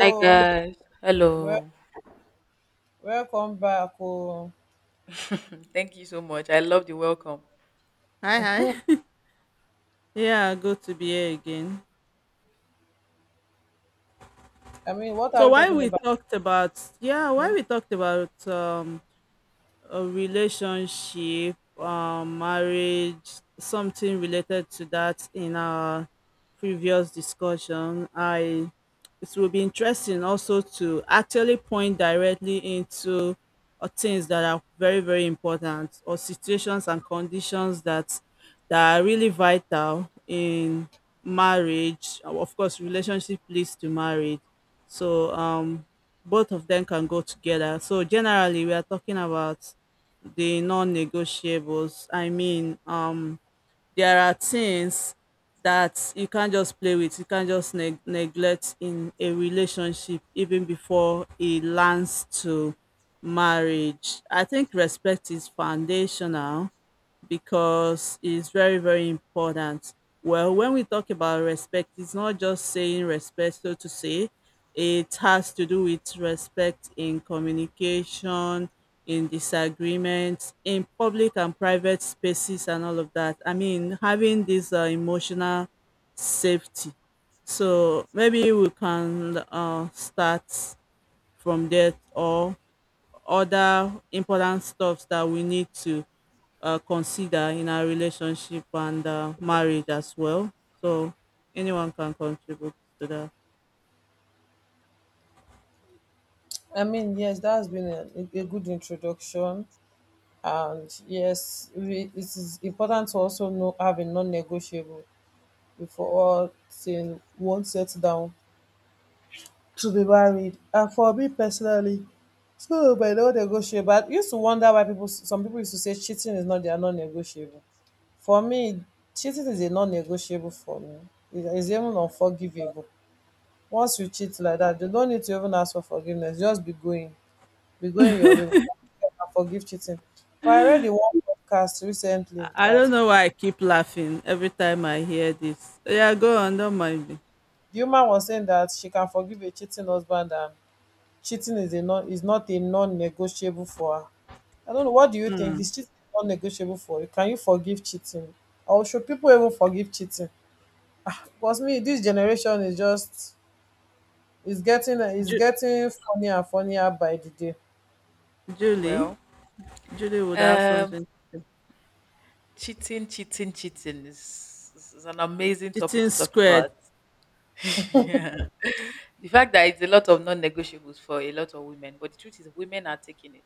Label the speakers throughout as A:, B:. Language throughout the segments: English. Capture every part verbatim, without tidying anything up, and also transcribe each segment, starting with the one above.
A: Hi guys. Hello.
B: well, welcome back. Oh,
A: Thank you so much. I love the welcome.
C: Hi, hi. Yeah, good to be here again.
B: I mean, what are
C: So
B: we
C: why
B: talking
C: we
B: about?
C: talked about yeah, why
B: Hmm?
C: we talked about um a relationship, um marriage, something related to that in our previous discussion. I it will be interesting also to actually point directly into uh, things that are very very important, or situations and conditions that that are really vital in marriage. Uh, of course, relationship leads to marriage, so um both of them can go together. So generally we are talking about the non-negotiables. I mean um there are things that you can't just play with, you can't just neg- neglect in a relationship even before it lands to marriage. I think respect is foundational because it's very, very important. Well, when we talk about respect, it's not just saying respect, so to say. It has to do with respect in communication, in disagreements, in public and private spaces, and all of that. I mean, having this uh, emotional safety. So maybe we can uh, start from there, or other important stuff that we need to uh, consider in our relationship and uh, marriage as well. So anyone can contribute to that.
B: I mean, yes, that's been a, a good introduction, and yes, we, it is important to also know have a non-negotiable before all thing won't settle down to be married. And for me personally, so my non-negotiable. I used to wonder why people, some people used to say cheating is not their non-negotiable. For me, cheating is a non-negotiable for me. It is even unforgivable. Once you cheat like that, you don't need to even ask for forgiveness. Just be going, be going your way. And forgive cheating. But I read in one podcast recently
C: I
B: that
C: don't know why I keep laughing every time I hear this. Yeah, go on, don't mind me.
B: the woman was saying that she can forgive a cheating husband and cheating is a non is not a non-negotiable for her. I don't know. What do you think?
C: Mm.
B: Is cheating non-negotiable for you? Can you forgive cheating, or should people even forgive cheating? Because me, this generation is just It's getting it's
C: Ju-
B: getting funnier and funnier by the day.
C: Julie,
A: Well,
C: Julie would have
A: um,
C: something to say.
A: cheating, cheating, cheating is, is is an amazing topic
C: Cheating
A: to talk
C: squared.
A: about. Yeah. The fact that it's a lot of non-negotiables for a lot of women, but the truth is women are taking it.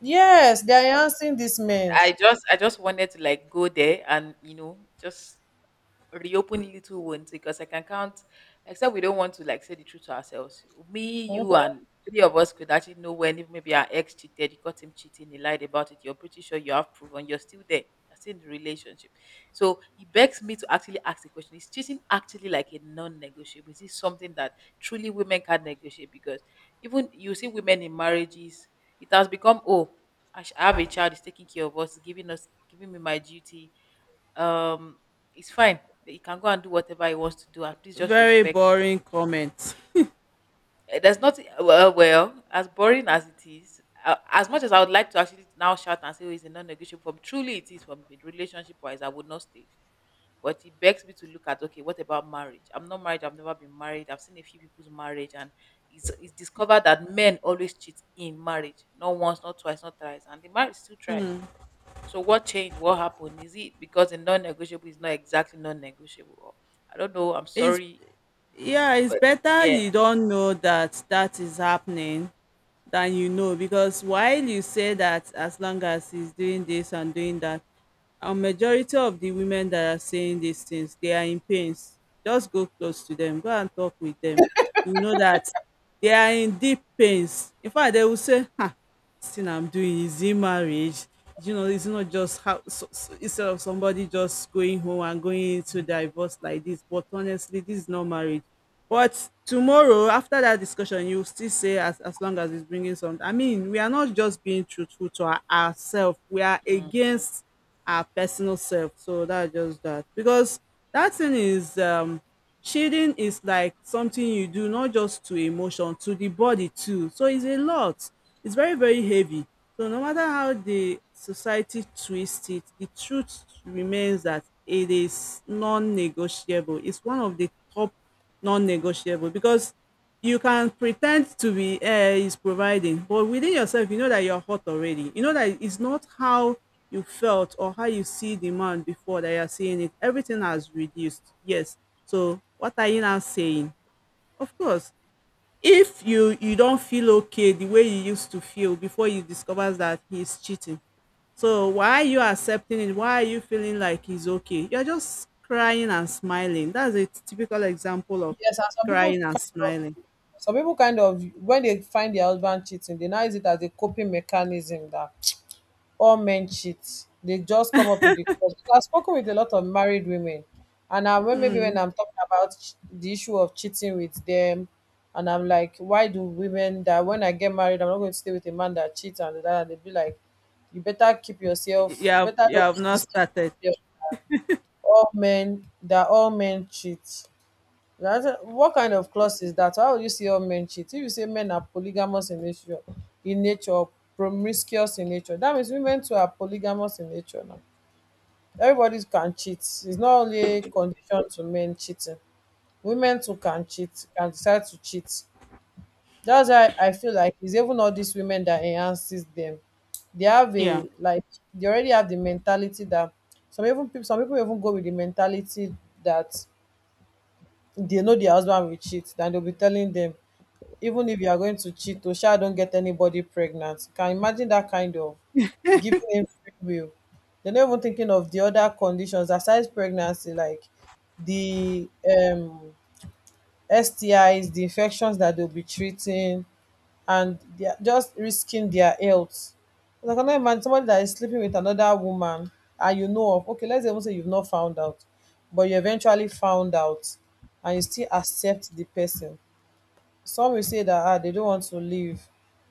B: Yes,
A: Be-
B: they are enhancing this man.
A: I just I just wanted to like go there and you know just reopen little wounds because I can count, except we don't want to like say the truth to ourselves. Me, you,
B: Mhm.
A: and three of us could actually know when if maybe our ex cheated, you caught him cheating, he lied about it. You're pretty sure you have proven you're still there. You're still in the relationship. So it begs me to actually ask the question: is cheating actually like a non negotiable? Is this something that truly women can negotiate? Because even you see women in marriages, it has become, oh, I sh- I have a child, is taking care of us, giving us, giving me my duty, um it's fine. He can go and do whatever he wants to do, and please just
C: Very
A: respect.
C: boring comment.
A: Eh, there's not well, well, as boring as it is. uh, As much as I would like to actually now shout and say oh, it's a non-negotiable, from truly it is from a relationship-wise, I would not stay. But it begs me to look at okay, what about marriage? I'm not married. I've never been married. I've seen a few people's marriage, and it's, it's discovered that men always cheat in marriage. Not once, not twice, not thrice, and the marriage still thrives. So what changed? What happened? Is it because a non-negotiable is not exactly non-negotiable? Or I don't know. I'm
C: It's
A: sorry.
C: yeah, it's
A: But
C: better
A: yeah.
C: you don't know that that is happening than you know, because while you say that as long as he's doing this and doing that, a majority of the women that are saying these things, they are in pains. Just go close to them, go and talk with them. You know that they are in deep pains. In fact, they will say, "Ha, this thing I'm doing is in marriage. You know, it's not just how." So, so, instead of somebody just going home and going into divorce like this. But honestly, this is not marriage. But tomorrow, after that discussion, you will still say, as, as long as it's bringing something. I mean, we are not just being truthful to our, ourselves. We are
A: Mm, mm,
C: against our personal self. So that's just that. Because that thing is, um shading is like something you do, not just to emotion, to the body too. So it's a lot. It's very, very heavy. So no matter how the society twists it, the truth remains that it is non-negotiable. It's one of the top non-negotiable, because you can pretend to be uh, is providing, but within yourself, you know that you're hot already. You know that it's not how you felt or how you see the man before that you're seeing it. Everything has reduced. Yes, so what are you now saying? Of course, if you you don't feel okay the way you used to feel before you discover that he's cheating. So why are you accepting it? Why are you feeling like he's okay? You're just crying and smiling. That's a typical example of
B: Yes, and some people
C: crying and smiling.
B: some people kind of when they find their husband cheating, they now use it as a coping mechanism that all men cheat. They just come up with the cause. Because I've spoken with a lot of married women, and I, when maybe when
C: Mm.
B: I'm talking about ch- the issue of cheating with them, and I'm like, why do women that when I get married, I'm not going to stay with a man that cheats and that, and they be like, you better keep yourself,
C: You have
B: better
C: you
B: don't
C: have
B: keep
C: not
B: this thing
C: started.
B: to yourself. All men that all men cheat. That's a- what kind
A: mm.
B: of clause is that? How will you see all men cheat? If you say men are polygamous in nature, in nature, or promiscuous in nature, that means women too are polygamous in nature now. Everybody can cheat. It's not only a condition to men cheating. Women too can cheat, can decide to cheat. That's why I feel like it's even all these women that enhances them. They have
C: Yeah.
B: a like they already have the mentality that some even people some people even go with the mentality that they know their husband will cheat, then they'll be telling them even if you are going to cheat to sha, don't get anybody pregnant. Can you imagine that kind of giving him free will? They're not even thinking of the other conditions aside pregnancy, like the um STIs, the infections that they'll be treating, and they're just risking their health. So I cannot imagine somebody that is sleeping with another woman, and you know of, okay, let's even say you've not found out, but you eventually found out and you still accept the person. Some will say that ah, they don't want to leave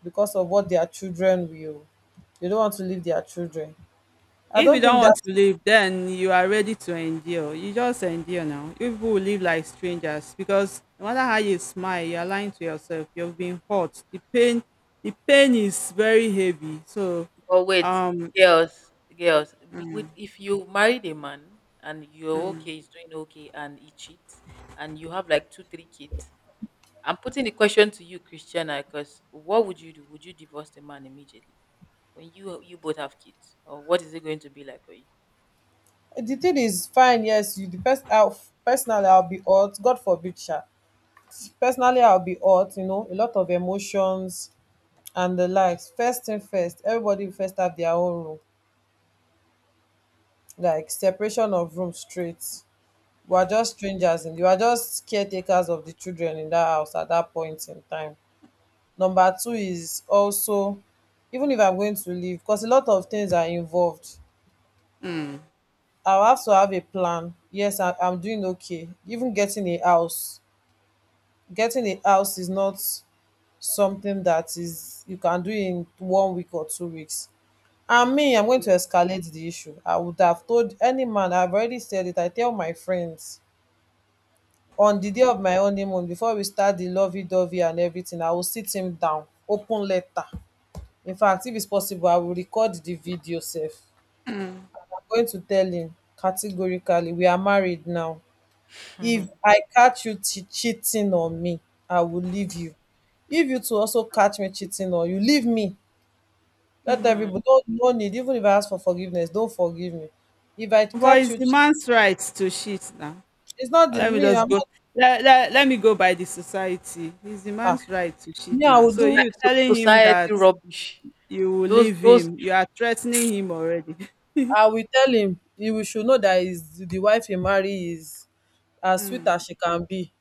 B: because of what their children will. They don't want to leave their children. I
C: If you
B: don't
C: don't
B: think
C: want
B: that
C: to live, then you are ready to endure. You just endure now. You people will live like strangers because no matter how you smile, you are lying to yourself. You've been hurt. The pain, the pain is very heavy. So,
A: But wait,
C: um,
A: girls, girls, be-
C: mm,
A: with if you married a man and you're
C: mm,
A: okay, he's doing okay, and he cheats, and you have like two, three kids, I'm putting the question to you, Christiana, because what would you do? Would you divorce the man immediately when you you both have kids, or what is it going to be like for you?
B: the thing is fine. Yes, you the person. I'll, personally, I'll be hurt. God forbid, sha. Personally, I'll be hurt. You know, a lot of emotions and the likes. First thing first, everybody will first have their own room. Like separation of room straight. We are just strangers and you are just caretakers of the children in that house at that point in time. Number two is also, even if I'm going to leave, because a lot of things are involved,
C: mm,
B: I'll have to have a plan. Yes, I, I'm doing okay. Even getting a house getting a house is not something that is you can do in one week or two weeks. And me, I'm going to escalate the issue. I would have told any man. I've already said it. I tell my friends, on the day of my honeymoon, before we start the lovey-dovey and everything, I will sit him down, open letter. In fact, if it's possible, I will record the video sef. I'm going to tell him categorically, we are married now.
A: Mm.
B: If I catch you che- cheating on me, I will leave you. If you too also catch me cheating on you, leave me. Let
C: mm.
B: everybody don't no need. Even if I ask for forgiveness, don't forgive me. If I
C: But
B: catch
C: it's
B: you,
C: the
B: che-
C: man's right to shit now.
B: It's not the
C: Let me
B: me.
C: just
B: I'm
C: go.
B: not.
C: Let, let, let me go by the society. It's the
B: Ah,
C: man's right to shit
B: me, I
C: now.
B: will
C: So
B: do.
C: you
A: soci- so-
C: telling him
A: Society
C: that
A: rubbish.
C: you will
A: Those
C: leave
A: those.
C: him. You are threatening him already.
B: I will tell him he will should know that is the wife he marry is as sweet as
C: Mm.
B: she can be.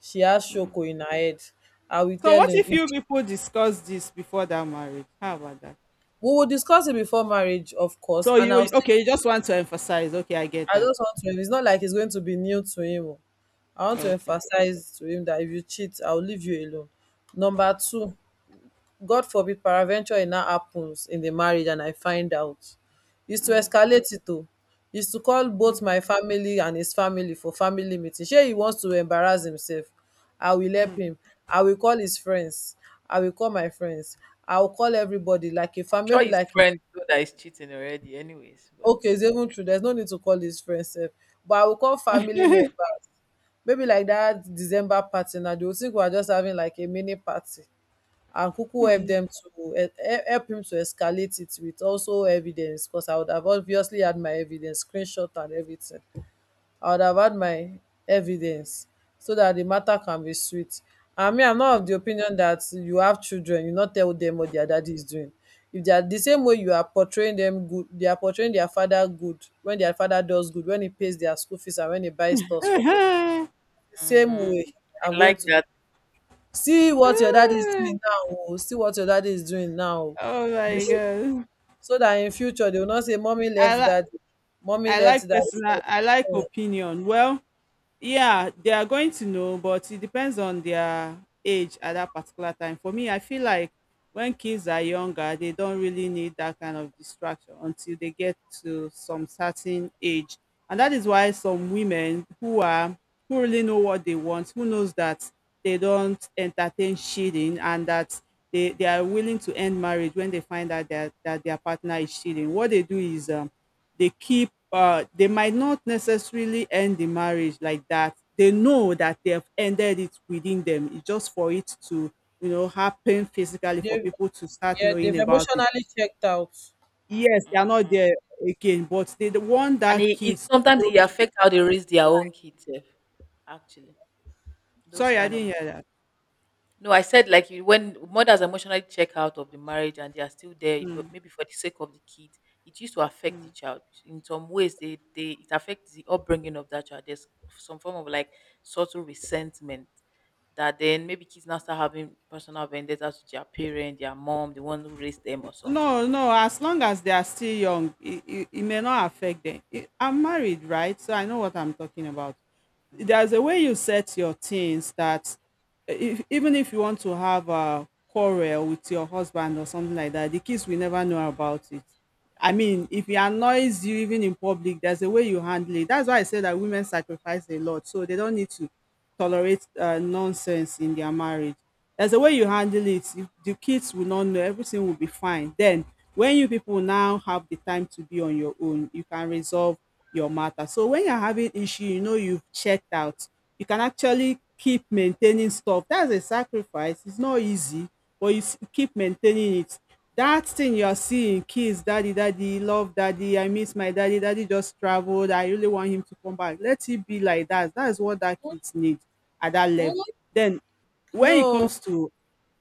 B: She has shoko in her head. I will
C: So
B: tell
C: what
B: him.
C: if
B: If,
C: you people discuss this before that marriage? How about that?
B: we will discuss it before marriage, of course.
C: So
B: And I'll
C: you
B: still,
C: okay, you just want to emphasize. Okay, I get
B: I
C: that.
B: just want to, it's not like it's going to be new to him. Oh. I want to
C: Okay.
B: emphasize to him that if you cheat, I'll leave you alone. Number two, God forbid peradventure it now happens in the marriage and I find out, is to escalate it o, is to call both my family and his family for family meeting. Shey he wants to embarrass himself, I will help him. I will call his friends, I will call my friends, I will call everybody like a
A: I'm
B: fam
A: sure
B: maybe
A: his
B: like a
A: friends know that he's cheating already. Anyways, but.
B: okay, it's even true, there's no need to call his friends sef. But I will call family members, maybe like that December party na, they will think we are just having like a mini party, and Kuku helped them to he- he- help him to escalate it with also evidence, because I would have obviously had my evidence, screenshot and everything. I would have had my evidence so that the matter can be sweet. I mean, I'm not of the opinion that you have children, you not tell them what their daddy is doing. If they are the same way you are portraying them good, they are portraying their father good when their father does good, when he pays their school fees and when he buys stuff for them.
C: Oh
B: The same
A: Hmm.
B: way I'm
A: I
B: going
A: like
B: to
A: that.
B: see what your dad is doing now oh, see what your daddy is doing now oh. They
C: my
B: should-
C: god.
B: so that in future they will not say "Mommy
C: I
B: left
C: like
B: daddy, Mommy
C: I
B: left
C: like
B: daddy."
C: personal I like
B: um
C: opinion. Well, yeah, they are going to know, but it depends on their age at that particular time. For me, I feel like when kids are younger, they don't really need that kind of distraction until they get to some certain age. And that is why some women who are who really know what they want, who knows that they don't entertain cheating, and that they, they are willing to end marriage when they find out that, that their partner is cheating. What they do is, um, they keep uh, they might not necessarily end the marriage like that. They know that they have ended it within them. It's just for it to, you know, happen physically for
B: They've
C: people to start
B: yeah they've
C: knowing about it.
B: emotionally checked out.
C: Yes, they are not
A: Mhm.
C: there again, but they the one
A: And
C: that
A: it, it
C: kids.
A: sometimes it
C: Okay.
A: affect how they raise their own kids, sef, actually. Those
C: Sorry, I
A: kind of
C: didn't
A: mo-
C: hear that.
A: No, I said like you- when mothers emotionally check out of the marriage and they are still there,
C: Hmm.
A: but maybe for the sake of the kid, it used to affect the child in some ways. They they it affects the upbringing of that child. There's some form of like subtle resentment that then maybe kids now start having personal vendettas with their parent, their mom, the one who raised them or something.
C: No, no. As long as they are still young, it, it, it may not affect them. It, I'm married, right? So I know what I'm talking about.
A: Mm,
C: There's a
A: okay.
C: way you set your things that, eh, if, even if you want to have a quarrel with your husband or something like that, the kids will never know about it. I mean, if he annoys you even in public, there's a way you handle it. That's why I say that women sacrifice a lot, so they don't need to tolerate uh, nonsense in their marriage. There's a way you handle it. If the kids will not know, everything will be fine. Then, when you people now have the time to be on your own, you can resolve your matter. So when you're having issue, you know you've checked out. You can actually keep maintaining stuff. That's a sacrifice. It's not easy, but you s- keep maintaining it. That thing you're seeing: "Kids, daddy, daddy love, daddy, I miss my daddy, daddy just traveled, I really want him to come back." Let it be like that. That's what that kids need at that
B: Hmm.
C: level. Then when it
B: No.
C: comes to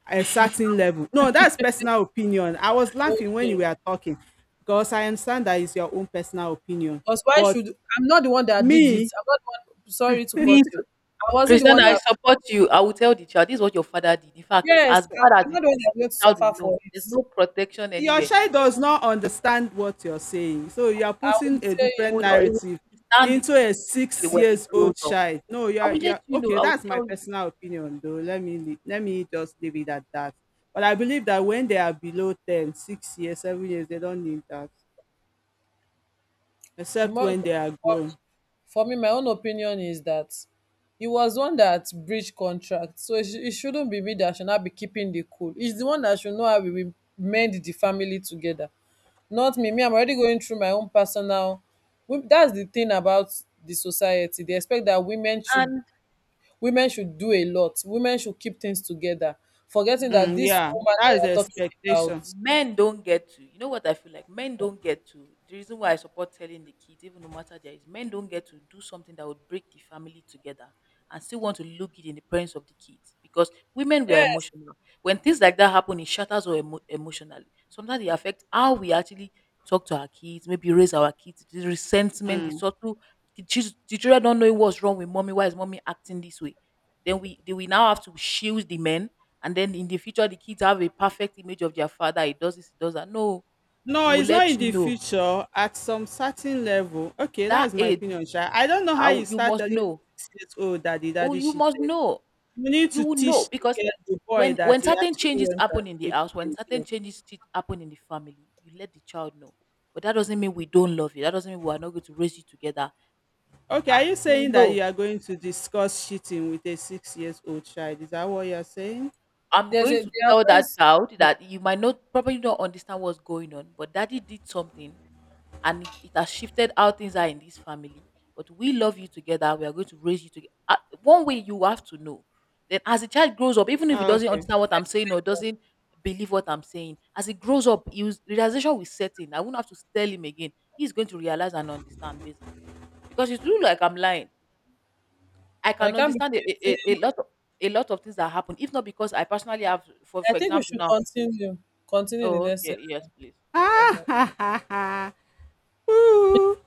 C: a certain level, no. That's personal opinion. I was laughing when you
B: Okay,
C: were talking because I understand that is your own personal opinion.
B: because why
C: But
B: should, I'm not the one that did it,
C: me,
B: I'm not the one, sorry to
A: Me
B: cut you, I wasn't the
A: Christiana,
B: one
A: I
B: that,
A: support you. I will tell the child, "This is what your father did." In fact,
B: yes,
A: as
B: I, I'm
A: bad as it
B: not the one
A: is,
B: that is going to
A: child will
B: suffer
A: know.
B: for
A: There's
B: it.
A: no protection
C: your
A: anywhere.
C: child does not understand what you're saying, so you are
B: I will
C: putting a
B: say
A: He
C: different
A: would he would
C: narrative
A: stand it
C: into a
A: eventually
C: six
A: when
B: it,
A: he
C: years
A: grows
C: old
A: up.
C: child. No, you
A: I
C: are
A: will
C: you
A: let
C: are
A: you know.
C: okay,
A: I will
C: that's my
A: tell you.
C: personal opinion though. Let me lea let me just leave it at that. But I believe that when they are below ten, six years, seven years, they don't need that,
B: um
C: except
B: more
C: when they are grown.
B: for me, my own opinion is that he was one that breached contract. So it, sh- it shouldn't be me that should not be keeping the cool. It's the one that should know how we will mend the family together. Not me. Me, I'm already going through my own personal. wo- That's the thing about the society. They expect that women should,
A: And
B: women should do a lot. Women should keep things together, forgetting that
C: Mm,
B: this
C: yeah,
B: woman
C: that
B: that
C: is the
B: you're talking about.
C: expectation.
A: men don't get to you know what I feel like men don't get to, the reason why I support telling the kids, even no matter there is, men don't get to do something that would break the family together and still want to look it in the parents of the kids. Because women were
B: Yes,
A: emotional, when things like that happen it shatters us emo- emotionally, sometimes it affects how we actually talk to our kids, maybe raise our kids, the resentment, the
C: Mm.
A: subtle, the chil- the children don't know what's wrong with mommy, why is mommy acting this way. Then we then we now have to shield the men, and then in the future the kids have a perfect image of their father, he does this, he does that. No,
C: No,
A: we'll
C: it's
A: let
C: not in
A: you
C: the
A: know
C: future at some certain level. Okay,
A: that
C: that's my
A: age y-
C: opinion sha. I don't know
A: I
C: how you
A: w- you
C: start
A: must
C: telling a
A: know.
C: six years old that the
A: Oh,
C: daddy
A: you
C: shit.
A: must know.
C: You need
A: You
C: to
A: will know
C: teach the
A: because
C: girl, the boy,
A: when
C: that
A: when
C: he
A: certain
C: actually
A: changes
C: went and
A: happen in the
C: slept
A: house, when
C: with a
A: certain
C: girl.
A: changes ch- happen in the family, you let the child know, but that doesn't mean we don't love you, that doesn't mean we are not going to raise you together.
C: Okay, are
A: Ah,
C: you
A: you will
C: saying that
A: know.
C: you are going to discuss cheating with a six years old child? Is that what you're saying?
A: I'm
B: there's
A: going
B: a
A: to
B: there are
A: tell that
B: ways
A: child
B: to
A: that you might not probably not understand what's going on, but daddy did something, and it, it has shifted how things are in this family. But we love you together. We are going to raise you together. One way you have to know. Then, as a child grows up, even if he doesn't
C: Okay.
A: understand what I'm saying
B: explain
A: or
B: them.
A: doesn't believe what I'm saying, as he grows up, he was, realization will set in. I won't have to tell him again. He's going to realize and understand basically because it's really like I'm lying. I
B: I
A: can
B: can't be,
A: understand a, a, a a lot of a lot of things that happen, if not because I personally have, for
B: I
A: for
B: think we
A: example,
B: should
A: now.
B: continue. Continue in the
A: Oh,
B: next
A: okay,
B: session.
A: yes, please.
B: Yeah,
C: Ah,
B: bye.
C: ha, ha, ha. Ooh.